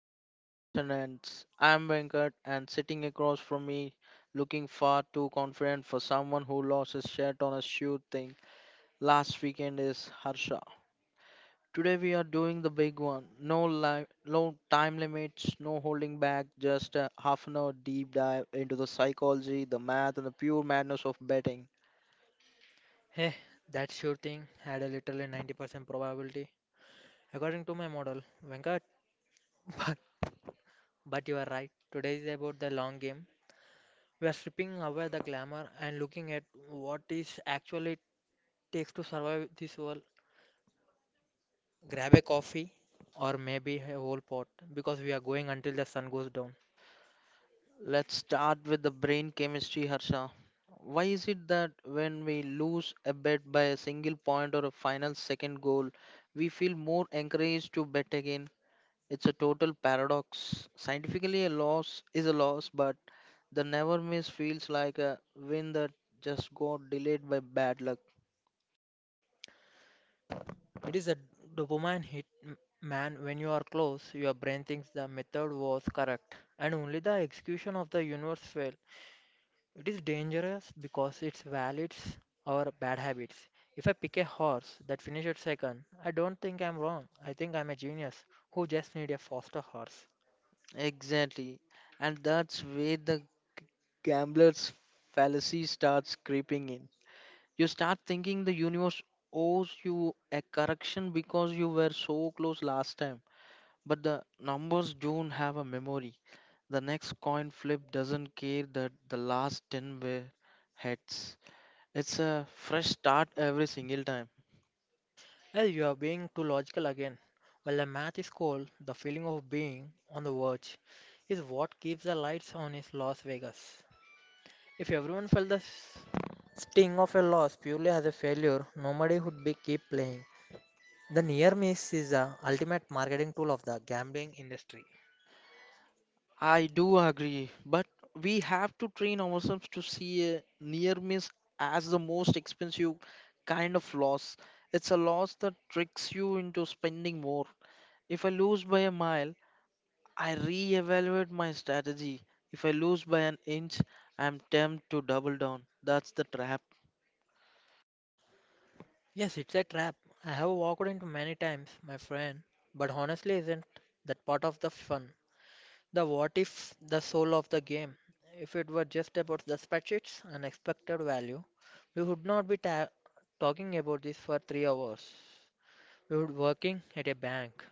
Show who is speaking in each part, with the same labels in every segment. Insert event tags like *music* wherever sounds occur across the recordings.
Speaker 1: session of Odds and Ends. I am Venkat, and sitting across from me, looking far too confident for someone who lost his shirt on a shoe thing last weekend, is Harsha. Today we are doing the big one. No, no time limits, no holding back, just a half an hour deep dive into the psychology, the math, and the pure madness of betting.
Speaker 2: Hey, that sure thing had a literally 90% probability, according to my model, Venkat. *laughs* But, but you are right. Today is about the long game. We are stripping away the glamour and looking at what is actually takes to survive this world. Grab a coffee or maybe a whole pot because we are going until the sun goes down.
Speaker 1: Let's start with the brain chemistry, Harsha. Why is it that when we lose a bet by a single point or a final second goal, we feel more encouraged to bet again? It's a total paradox. Scientifically, a loss is a loss, but the never miss feels like a win that just got delayed by bad luck.
Speaker 2: It is a dopamine hit, man. When you are close, your brain thinks the method was correct and only the execution of the universe failed. It is dangerous because it validates our bad habits. If I pick a horse that finishes second, I don't think I'm wrong. I think I'm a genius who just need a faster horse.
Speaker 1: Exactly. And that's where the gambler's fallacy starts creeping in. You start thinking the universe owes you a correction because you were so close last time. But the numbers don't have a memory. The next coin flip doesn't care that the last 10 were heads. It's a fresh start every single time.
Speaker 2: Well, you are being too logical again. While the math is cold, the feeling of being on the verge is what keeps the lights on in Las Vegas. If everyone felt the sting of a loss purely as a failure, nobody would be keep playing. The near miss is the ultimate marketing tool of the gambling industry.
Speaker 1: I do agree, but we have to train ourselves to see a near miss as the most expensive kind of loss. It's a loss that tricks you into spending more. If I lose by a mile, I reevaluate my strategy. If I lose by an inch, I am tempted to double down. That's the trap.
Speaker 2: Yes, it's a trap. I have walked into many times, my friend, but honestly, isn't that part of the fun? The what if, the soul of the game. If it were just about the spreadsheets and expected value, we would not be ta talking about this for 3 hours. We would working at a bank.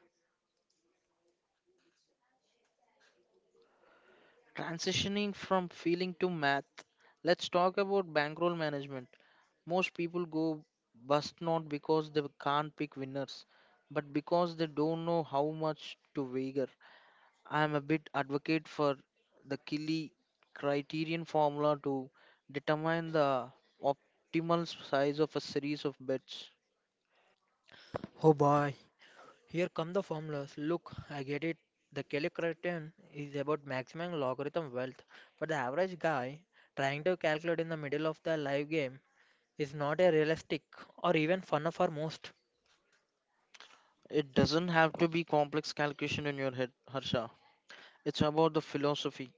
Speaker 1: Transitioning from feeling to math. Let's talk about bankroll management. Most people go bust not because they can't pick winners, but because they don't know how much to wager. I am a bit advocate for the Killy criterion formula to determine the optimal size of a series of bets.
Speaker 2: Oh boy, here come the formulas. Look, I get it. The Kelly criterion is about maximum logarithm wealth, but the average guy trying to calculate in the middle of the live game is not a realistic or even fun for most.
Speaker 1: It doesn't have to be complex calculation in your head, Harsha. It's about the philosophy.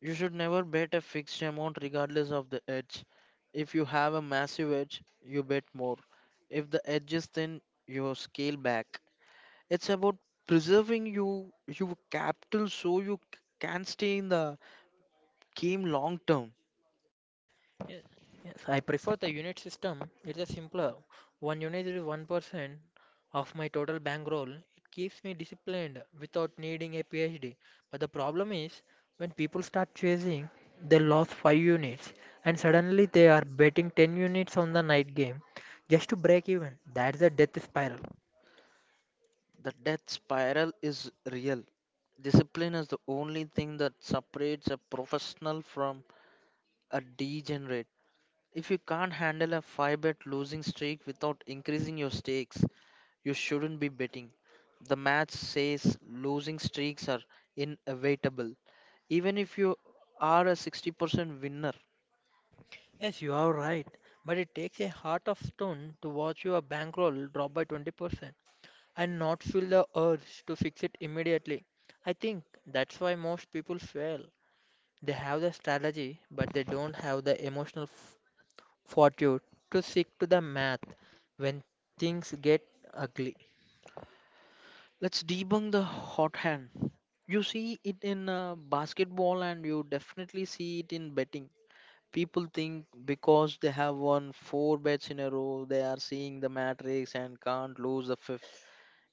Speaker 1: You should never bet a fixed amount regardless of the edge. If you have a massive edge, you bet more. If the edge is thin, you scale back. It's about preserving your capital so you can stay in the game long term.
Speaker 2: Yes, I prefer the unit system. It's a simpler. One unit is 1% of my total bankroll. It keeps me disciplined without needing a PhD. But the problem is when people start chasing, they lost 5 units and suddenly they are betting 10 units on the night game just to break even. That's a death spiral.
Speaker 1: The death spiral is real. Discipline is the only thing that separates a professional from a degenerate. If you can't handle a 5 bet losing streak without increasing your stakes, you shouldn't be betting. The match says losing streaks are inevitable, even if you are a 60% winner.
Speaker 2: Yes, you are right. But it takes a heart of stone to watch your bankroll drop by 20%, and not feel the urge to fix it immediately. I think that's why most people fail. They have the strategy, but they don't have the emotional fortitude to stick to the math when things get ugly.
Speaker 1: Let's debunk the hot hand. You see it in basketball, and you definitely see it in betting. People think because they have won four bets in a row, they are seeing the matrix and can't lose the fifth.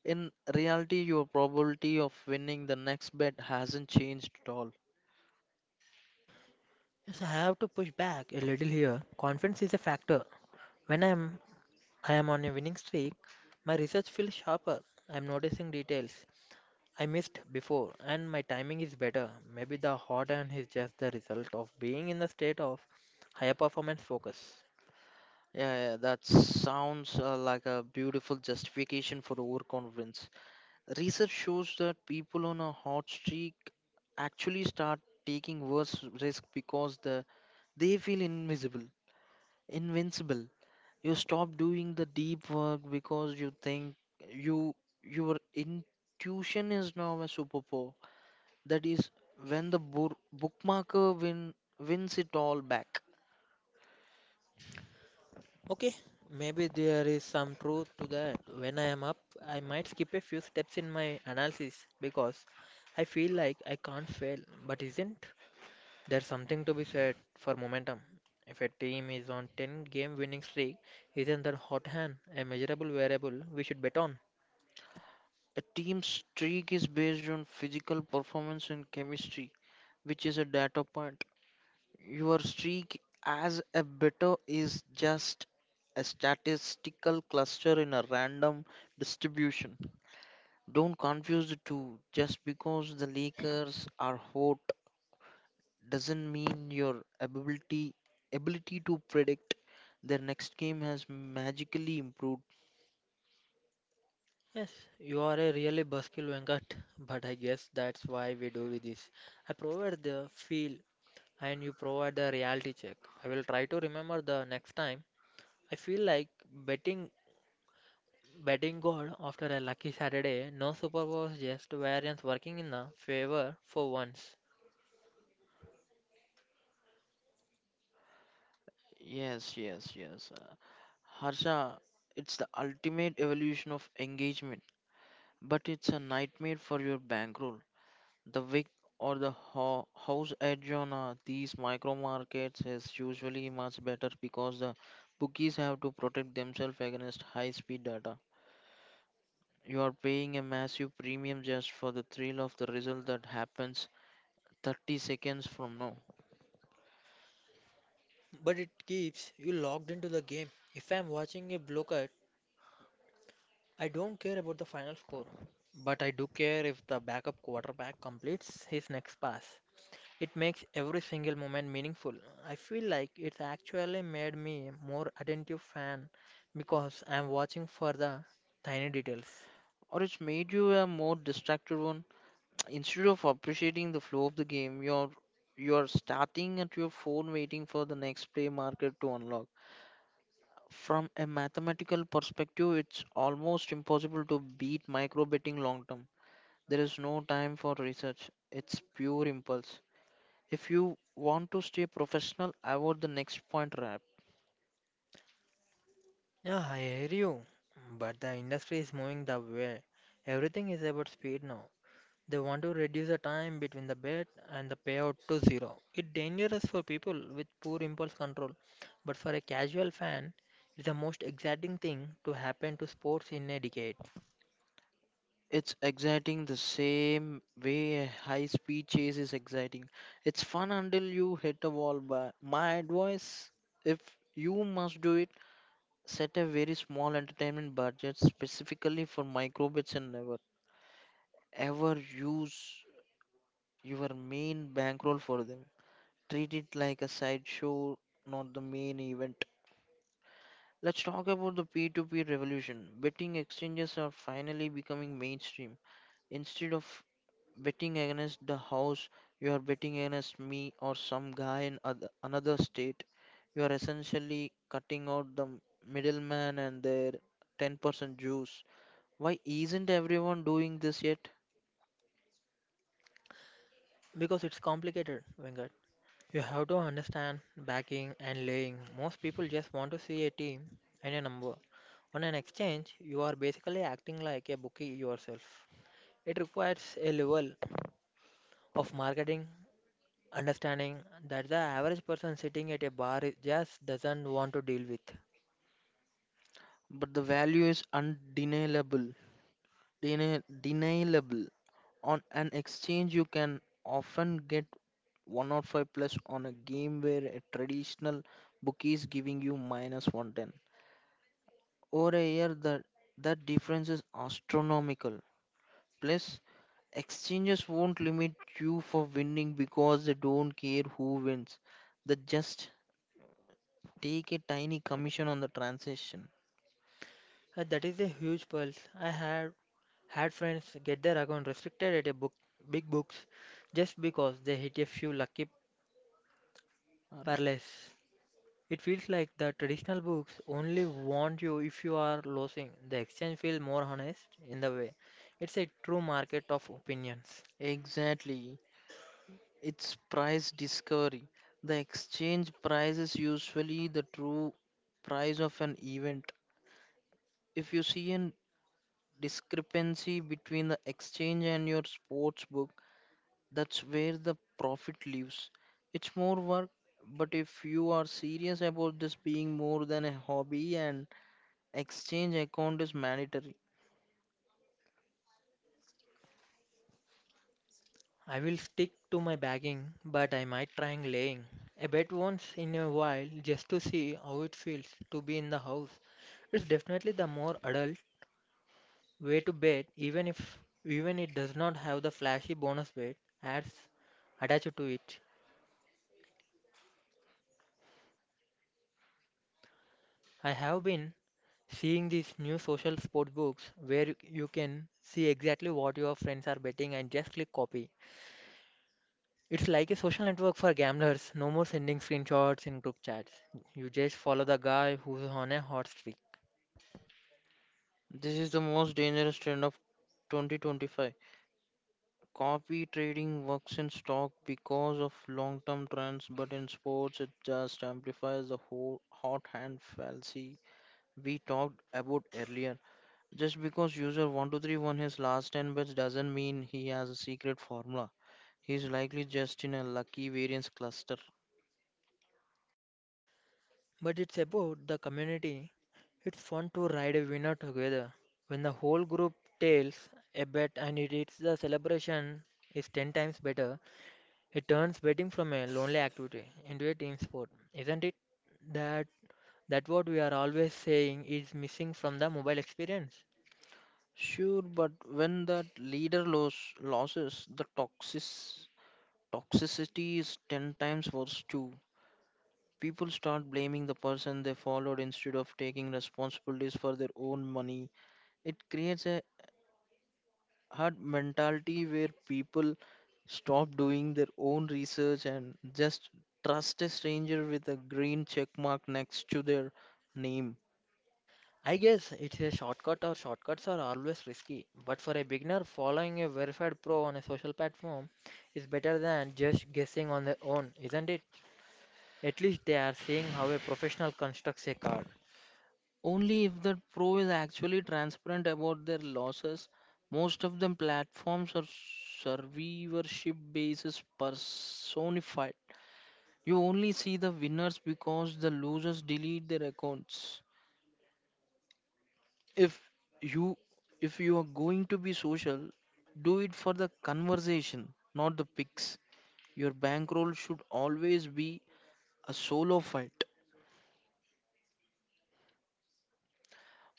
Speaker 1: In reality, your probability of winning the next bet hasn't changed at all.
Speaker 2: Yes, I have to push back a little here. Confidence is a factor. When I am on a winning streak, my research feels sharper. I'm noticing details, I missed before, and my timing is better. Maybe the hot hand is just the result of being in the state of higher performance focus.
Speaker 1: Yeah, yeah, that sounds like a beautiful justification for overconfidence. Research shows that people on a hot streak actually start taking worse risk because they feel invisible, invincible. You stop doing the deep work because you think you your intuition is now a superpower. That is when the wins it all back.
Speaker 2: Okay, maybe there is some truth to that. When I am up, I might skip a few steps in my analysis because I feel like I can't fail. But isn't there something to be said for momentum? If a team is on 10 game winning streak, isn't that hot hand a measurable variable we should bet on?
Speaker 1: A team's streak is based on physical performance and chemistry, which is a data point. Your streak as a bettor is just a statistical cluster in a random distribution. Don't confuse the two. Just because the Lakers are hot doesn't mean your ability to predict their next game has magically improved.
Speaker 2: Yes, you are a really buskill Venkat, but I guess that's why we do this. I provide the feel and you provide the reality check. I will try to remember the next time. I feel like betting betting God after a lucky Saturday, no superpowers, just variance working in the favor for once.
Speaker 1: Yes, yes, yes. Harsha, it's the ultimate evolution of engagement, but it's a nightmare for your bankroll. The wick or the house edge on these micro markets is usually much better because the bookies have to protect themselves against high speed data. You are paying a massive premium just for the thrill of the result that happens 30 seconds from now.
Speaker 2: But it keeps you logged into the game. If I'm watching a blowout, I don't care about the final score. But I do care if the backup quarterback completes his next pass. It makes every single moment meaningful. I feel like it's actually made me more attentive fan because I'm watching for the tiny details.
Speaker 1: Or it's made you a more distracted one. Instead of appreciating the flow of the game, you're starting at your phone waiting for the next play market to unlock. From a mathematical perspective, it's almost impossible to beat micro betting long term. There is no time for research; it's pure impulse. If you want to stay professional, avoid the next point wrap.
Speaker 2: Yeah, I hear you. But the industry is moving the way. Everything is about speed now. They want to reduce the time between the bet and the payout to zero. It's dangerous for people with poor impulse control, but for a casual fan, it's the most exciting thing to happen to sports in a decade.
Speaker 1: It's exciting the same way a high speed chase is exciting. It's fun until you hit a wall. But my advice, if you must do it, set a very small entertainment budget specifically for microbits, and never ever use your main bankroll for them. Treat it like a sideshow, not the main event. Let's talk about the P2P revolution. Betting exchanges are finally becoming mainstream. Instead of betting against the house, you are betting against me or some guy in another state. You are essentially cutting out the middleman and their 10% juice. Why isn't everyone doing this yet?
Speaker 2: Because it's complicated, Venkat. You have to understand backing and laying. Most people just want to see a team and a number. On an exchange, you are basically acting like a bookie yourself. It requires a level of marketing understanding that the average person sitting at a bar just doesn't want to deal with.
Speaker 1: But the value is undeniable, deniable. On an exchange, you can often get 105 plus on a game where a traditional bookie is giving you minus 110. Over a year, that difference is astronomical. Plus, exchanges won't limit you for winning because they don't care who wins. They just take a tiny commission on the transaction.
Speaker 2: That is a huge pulse. I have had friends get their account restricted at a book, big books just because they hit a few lucky
Speaker 1: Alright.
Speaker 2: parlays. It feels like the traditional books only want you if you are losing. The exchange feels more honest in the way. It's a true market of opinions.
Speaker 1: Exactly. It's price discovery. The exchange price is usually the true price of an event. If you see a discrepancy between the exchange and your sports book, that's where the profit lives. It's more work, but if you are serious about this being more than a hobby, an exchange account is mandatory.
Speaker 2: I will stick to my bagging, but I might try and laying. A bet once in a while just to see how it feels to be in the house. It's definitely the more adult way to bet, even if even it does not have the flashy bonus bet ads attached to it. I have been seeing these new social sports books where you can see exactly what your friends are betting and just click copy. It's like a social network for gamblers. No more sending screenshots in group chats. You just follow the guy who's on a hot streak.
Speaker 1: This is the most dangerous trend of 2025. Copy trading works in stock because of long term trends, but in sports, it just amplifies the whole hot hand fallacy we talked about earlier. Just because user 123 won his last 10 bets doesn't mean he has a secret formula. He's likely just in a lucky variance cluster.
Speaker 2: But it's about the community. It's fun to ride a winner together. When the whole group tails a bet and it hits the celebration is 10 times better, it turns betting from a lonely activity into a team sport, isn't it? That that what we are always saying is missing from the mobile experience.
Speaker 1: Sure, but when that leader losses, the toxicity is 10 times worse too. People start blaming the person they followed instead of taking responsibilities for their own money. It creates a hard mentality where people stop doing their own research and just trust a stranger with a green check mark next to their name.
Speaker 2: I guess it's a shortcut or shortcuts are always risky, but for a beginner, following a verified pro on a social platform is better than just guessing on their own, isn't it? At least they are seeing how a professional constructs a card.
Speaker 1: Only if that pro is actually transparent about their losses. Most of them platforms are survivorship basis personified. You only see the winners because the losers delete their accounts. If you if you are going to be social, do it for the conversation, not the pics. Your bankroll should always be a solo fight.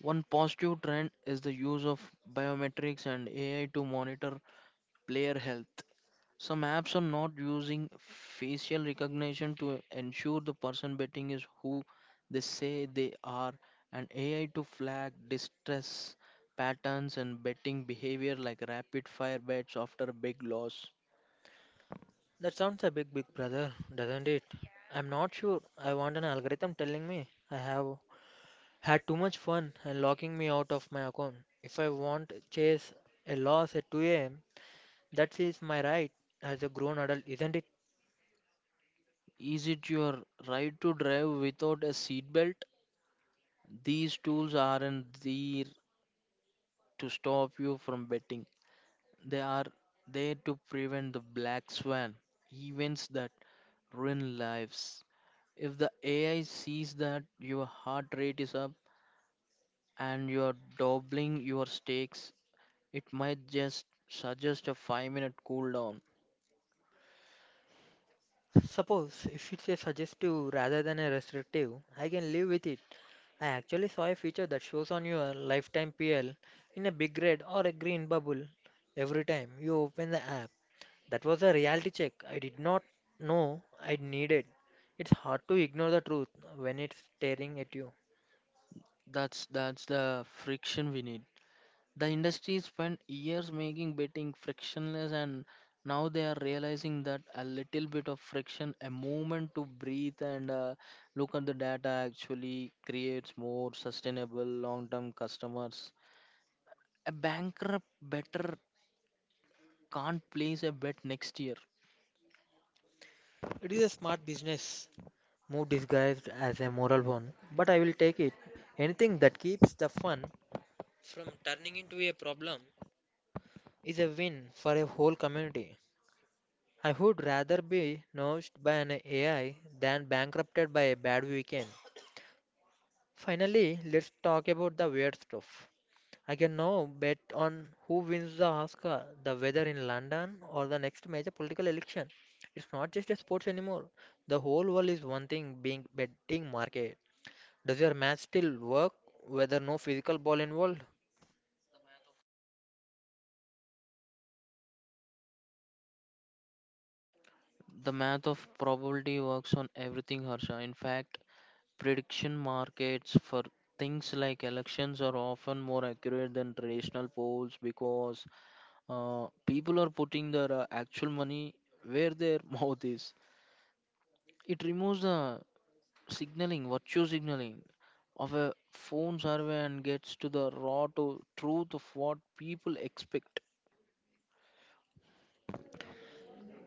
Speaker 1: One positive trend is the use of biometrics and AI to monitor player health. Some apps are not using facial recognition to ensure the person betting is who they say they are, and AI to flag distress patterns and betting behavior like rapid fire bets after a big loss.
Speaker 2: That sounds a big, big brother, doesn't it? I'm not sure. I want an algorithm telling me I have had too much fun and locking me out of my account. If I want chase a loss at 2 a.m., that is my right as a grown adult, isn't it?
Speaker 1: Is it your right to drive without a seatbelt? These tools aren't there to stop you from betting. They are there to prevent the black swan events that ruin lives. If the AI sees that your heart rate is up and you are doubling your stakes, it might just suggest a 5-minute cool down.
Speaker 2: Suppose if it's a suggestive rather than a restrictive, I can live with it. I actually saw a feature that shows on your lifetime PL in a big red or a green bubble every time you open the app. That was a reality check I did not know I needed. It's hard to ignore the truth when it's staring at you.
Speaker 1: That's the friction we need. The industry spent years making betting frictionless, and now they are realizing that a little bit of friction, a moment to breathe and look at the data, actually creates more sustainable long term customers. A bankrupt better can't place a bet next year.
Speaker 2: It is a smart business move disguised as a moral one, but I will take it. Anything that keeps the fun from turning into a problem is a win for a whole community. I would rather be nosed by an AI than bankrupted by a bad weekend. Finally, let's talk about the weird stuff. I can now bet on who wins the Oscar, the weather in London, or the next major political election. It's not just a sports anymore. The whole world is one thing being betting market. Does your match still work? Whether no physical ball involved?
Speaker 1: The math of probability works on everything, Harsha. In fact, prediction markets for things like elections are often more accurate than traditional polls because people are putting their actual money where their *laughs* mouth is. It removes the virtue signaling of a phone survey and gets to the raw to truth of what people expect.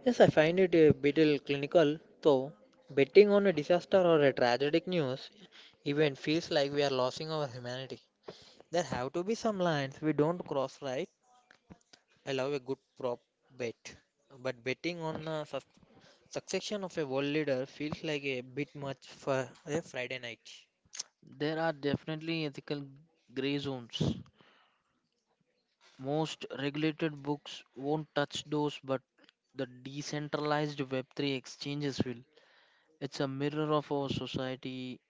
Speaker 2: Yes, I find it a bit clinical, though. Betting on a disaster or a tragic news event feels like we are losing our humanity. There have to be some lines we don't cross, right? I love a good prop bet, but betting on a succession of a world leader feels like a bit much for a Friday night.
Speaker 1: There are definitely ethical gray zones. Most regulated books won't touch those, but the decentralized Web3 exchanges will. It's a mirror of our society.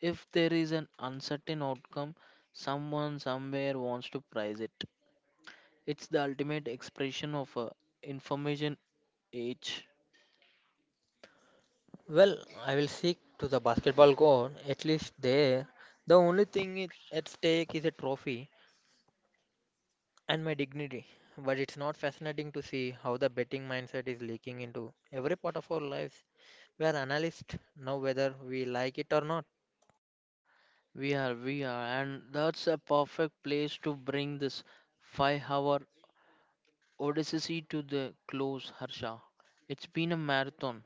Speaker 1: If there is an uncertain outcome, someone somewhere wants to price it. It's the ultimate expression of a information age.
Speaker 2: Well, I will seek to the basketball goal, at least there. The only thing at stake is a trophy, and my dignity. But it's not fascinating to see how the betting mindset is leaking into every part of our lives. We are analysts now, whether we like it or not.
Speaker 1: We are, and that's a perfect place to bring this 5 hour odyssey to the close, Harsha. It's been a marathon.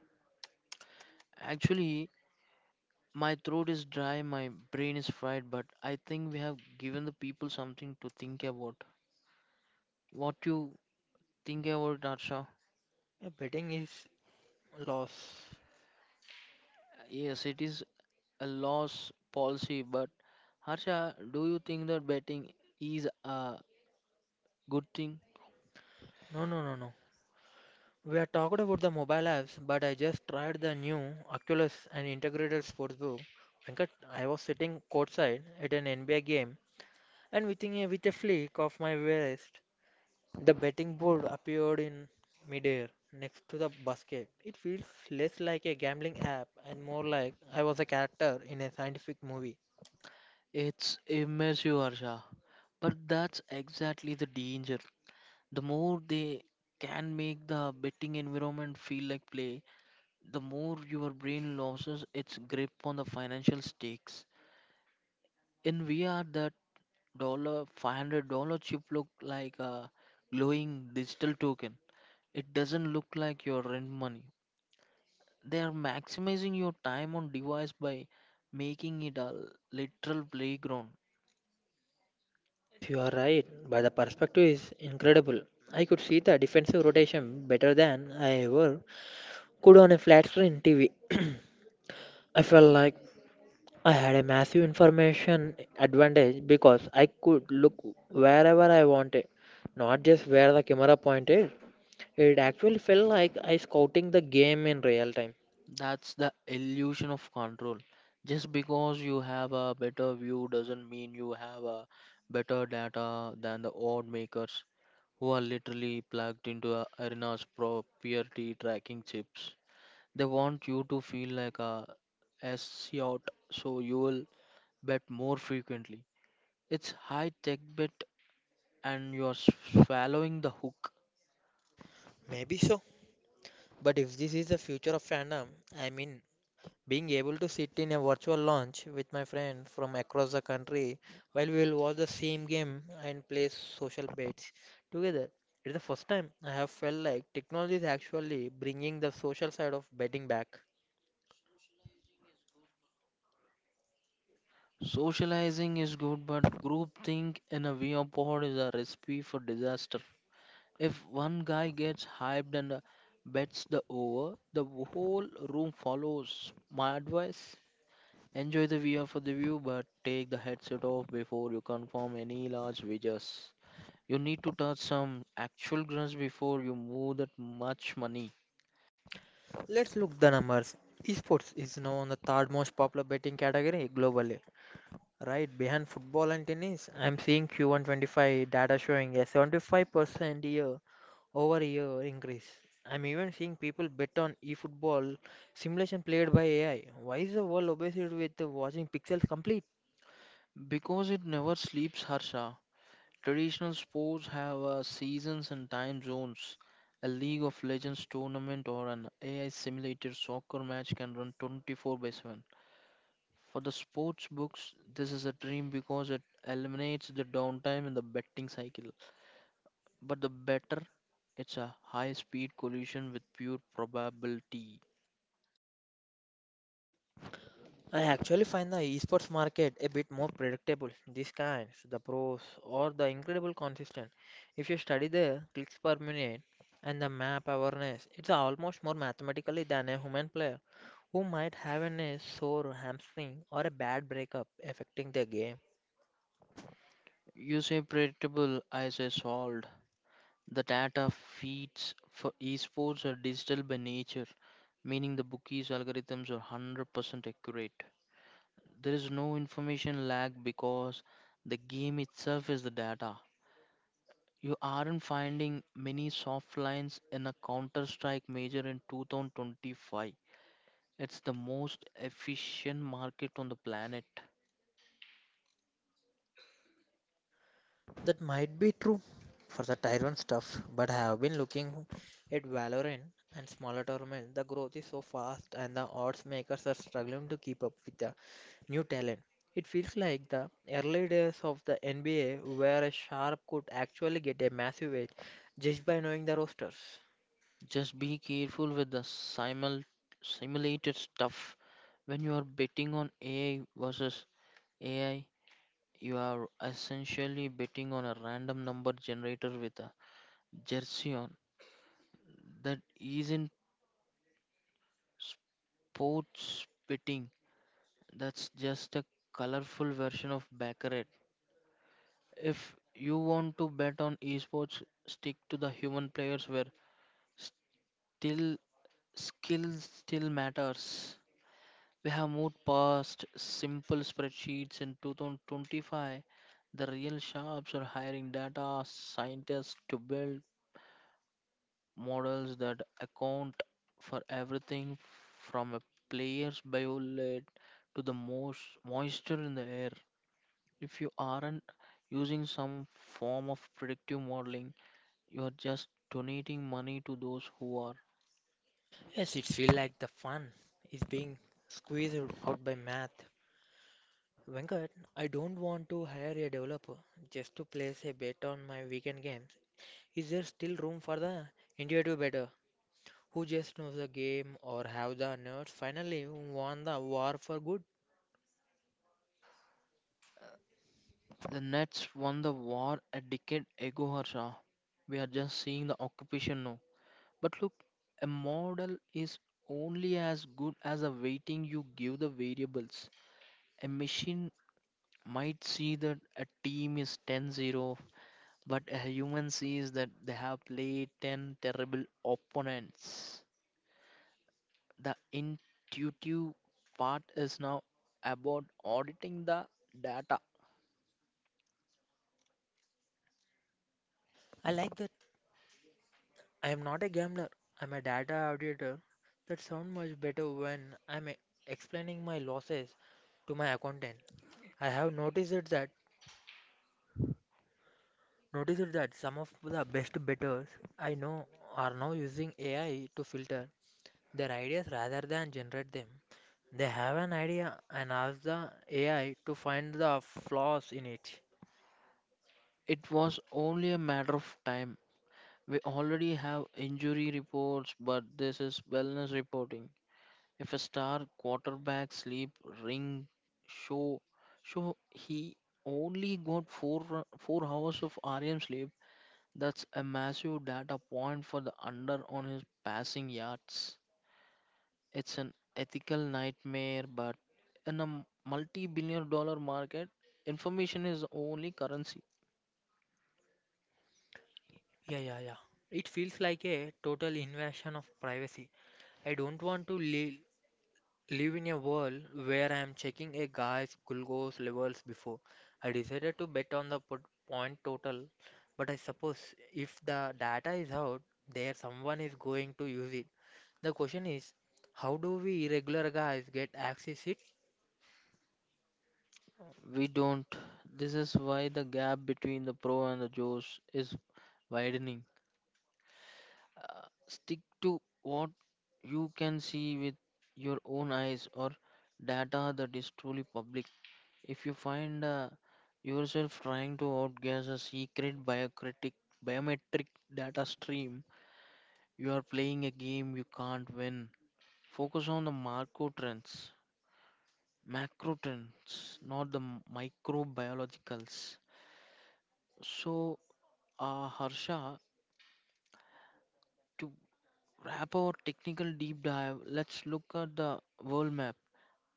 Speaker 1: Actually, my throat is dry, my brain is fried, but I think we have given the people something to think about. What you think about, Harsha?
Speaker 2: Betting is loss.
Speaker 1: Yes, it is a loss policy, but Harsha, do you think that betting is a good thing?
Speaker 2: No, no, no, no. We are talked about the mobile apps, but I just tried the new Oculus and integrated sportsbook. Venkat, I was sitting courtside at an NBA game, and within with a flick of my wrist, the betting board appeared in midair next to the basket. It feels less like a gambling app and more like I was a character in a scientific movie.
Speaker 1: It's immersive, Harsha. But that's exactly the danger. The more they can make the betting environment feel like play, the more your brain loses its grip on the financial stakes. In VR, that dollar $500 chip look like a glowing digital token. It doesn't look like your rent money. They are maximizing your time on device by making it a literal playground.
Speaker 2: Yes, you are right, but the perspective is incredible. I could see the defensive rotation better than I ever could on a flat screen TV. *clears throat* I felt like I had a massive information advantage because I could look wherever I wanted, not just where the camera pointed. It actually felt like I scouting the game in real time.
Speaker 1: That's the illusion of control. Just because you have a better view doesn't mean you have a better data than the odd makers who are literally plugged into a arena's proprietary tracking chips. They want you to feel like a SEOT so you will bet more frequently. It's high tech bet and you're swallowing the hook.
Speaker 2: Maybe so, but if this is the future of fandom, I mean, being able to sit in a virtual lounge with my friend from across the country while we will watch the same game and play social bets together. It's the first time I have felt like technology is actually bringing the social side of betting back.
Speaker 1: Socializing is good, but groupthink in a VR pod is a recipe for disaster. If one guy gets hyped and bets the over, the whole room follows. My advice, enjoy the VR for the view, but take the headset off before you confirm any large wagers. You need to touch some actual grass before you move that much money.
Speaker 2: Let's look the numbers. Esports is now on the third most popular betting category globally, right behind football and tennis. I'm seeing Q125 data showing a 75% year over year increase. I'm even seeing people bet on eFootball simulation played by AI. Why is the world obsessed with watching pixels complete?
Speaker 1: Because it never sleeps, Harsha. Traditional sports have seasons and time zones. A League of Legends tournament or an AI simulated soccer match can run 24 by 7. For the sports books, this is a dream because it eliminates the downtime in the betting cycle. But the better, it's a high speed collision with pure probability.
Speaker 2: I actually find the esports market a bit more predictable. These kinds, the pros, or the incredible consistent. If you study the clicks per minute and the map awareness, it's almost more mathematically than a human player who might have an a sore hamstring or a bad breakup affecting their game.
Speaker 1: You say predictable, I say solved. The data feeds for esports are digital by nature, meaning the bookies' algorithms are 100% accurate. There is no information lag because the game itself is the data. You aren't finding many soft lines in a Counter Strike major in 2025. It's the most efficient market on the planet.
Speaker 2: That might be true for the tier 1 stuff, but I have been looking at Valorant and smaller tournaments. The growth is so fast, and the odds makers are struggling to keep up with the new talent. It feels like the early days of the NBA where a sharp could actually get a massive edge just by knowing the rosters.
Speaker 1: Just be careful with the simulated stuff when you are betting on AI versus AI. You are essentially betting on a random number generator with a jersey on. That isn't sports betting, that's just a colorful version of Baccarat. If you want to bet on esports, stick to the human players where still skill still matters. We have moved past simple spreadsheets in 2025. The real shops are hiring data scientists to build models that account for everything from a player's biolate to the most moisture in the air. If you aren't using some form of predictive modeling, you are just donating money to those who are.
Speaker 2: Yes, it feels like the fun is being squeezed out by math. Venkat, I don't want to hire a developer just to place a bet on my weekend games. Is there still room for the intuitive better who just knows the game or have the nerds finally won the war for good?
Speaker 1: The Nets won the war a decade ago, Harsha. We are just seeing the occupation now. But look, a model is only as good as the weighting you give the variables. A machine might see that a team is 10-0, but a human sees that they have played 10 terrible opponents. The intuitive part is now about auditing the data.
Speaker 2: I like the I am not a gambler, I'm a data auditor. That sounds much better when I'm explaining my losses to my accountant. I have noticed that some of the best bettors I know are now using AI to filter their ideas rather than generate them. They have an idea and ask the AI to find the flaws in it.
Speaker 1: It was only a matter of time. We already have injury reports, but this is wellness reporting. If a star quarterback sleep ring show show he only got 4 hours of rem sleep, that's a massive data point for the under on his passing yards. It's an ethical nightmare, but in a multi billion dollar market, information is the only currency.
Speaker 2: Yeah, yeah, yeah. It feels like a total invasion of privacy. I don't want to le live in a world where I am checking a guy's glucose levels before. I decided to bet on the point total, but I suppose if the data is out there, someone is going to use it. The question is, how do we irregular guys get access it?
Speaker 1: We don't. This is why the gap between the pro and the Joes is widening. Stick to what you can see with your own eyes or data that is truly public. If you find yourself trying to outguess a biometric data stream, you are playing a game you can't win. Focus on the macro trends, not the microbiologicals. So, Harsha, to wrap our technical deep dive, let's look at the world map.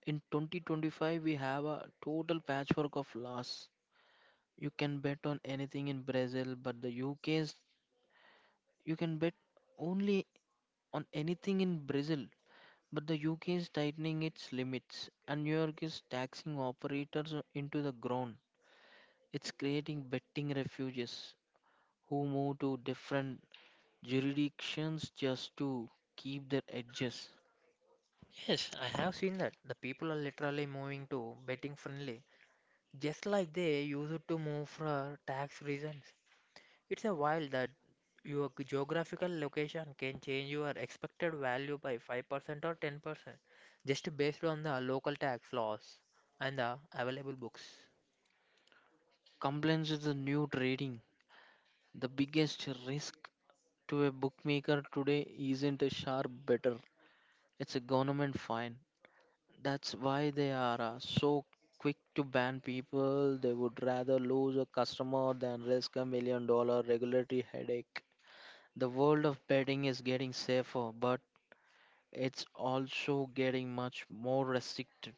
Speaker 1: In 2025, we have a total patchwork of laws. You can bet on anything in Brazil, but the UK's You can bet only on anything in Brazil, but the UK is tightening its limits and New York is taxing operators into the ground. It's creating betting refuges who move to different jurisdictions just to keep their edges.
Speaker 2: Yes, I have seen that. The people are literally moving to betting friendly, just like they used to move for tax reasons. It's a while that your geographical location can change your expected value by 5% or 10% just based on the local tax laws and the available books.
Speaker 1: Compliance is the new trading. The biggest risk to a bookmaker today isn't a sharp better, it's a government fine. That's why they are so quick to ban people. They would rather lose a customer than risk a million dollar regulatory headache. The world of betting is getting safer, but it's also getting much more restricted.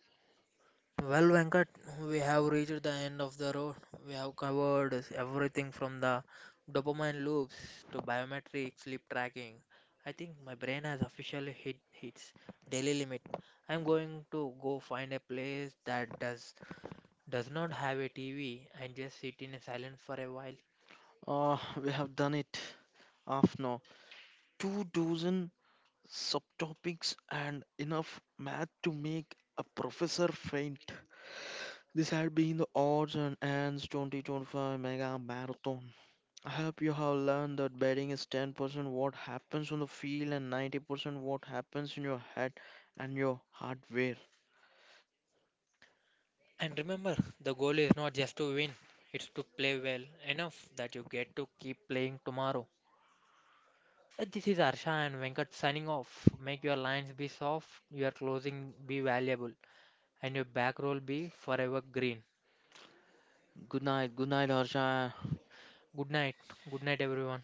Speaker 2: Well, Venkat, we have reached the end of the road. We have covered everything from the dopamine loops to biometric sleep tracking. I think my brain has officially hit its daily limit. I'm going to go find a place that does not have a TV and just sit in silence for a while.
Speaker 1: We have done it. Half now. Two dozen subtopics and enough math to make a professor faint. This had been the odds and ends 2025 mega marathon. I hope you have learned that betting is 10% what happens on the field and 90% what happens in your head and your hardware.
Speaker 2: And remember, the goal is not just to win, it's to play well enough that you get to keep playing tomorrow. This is Arsha and Venkat signing off. Make your lines be soft, your closing be valuable, and your back roll be forever green.
Speaker 1: Good night, Harsha.
Speaker 2: Good night. Good night, everyone.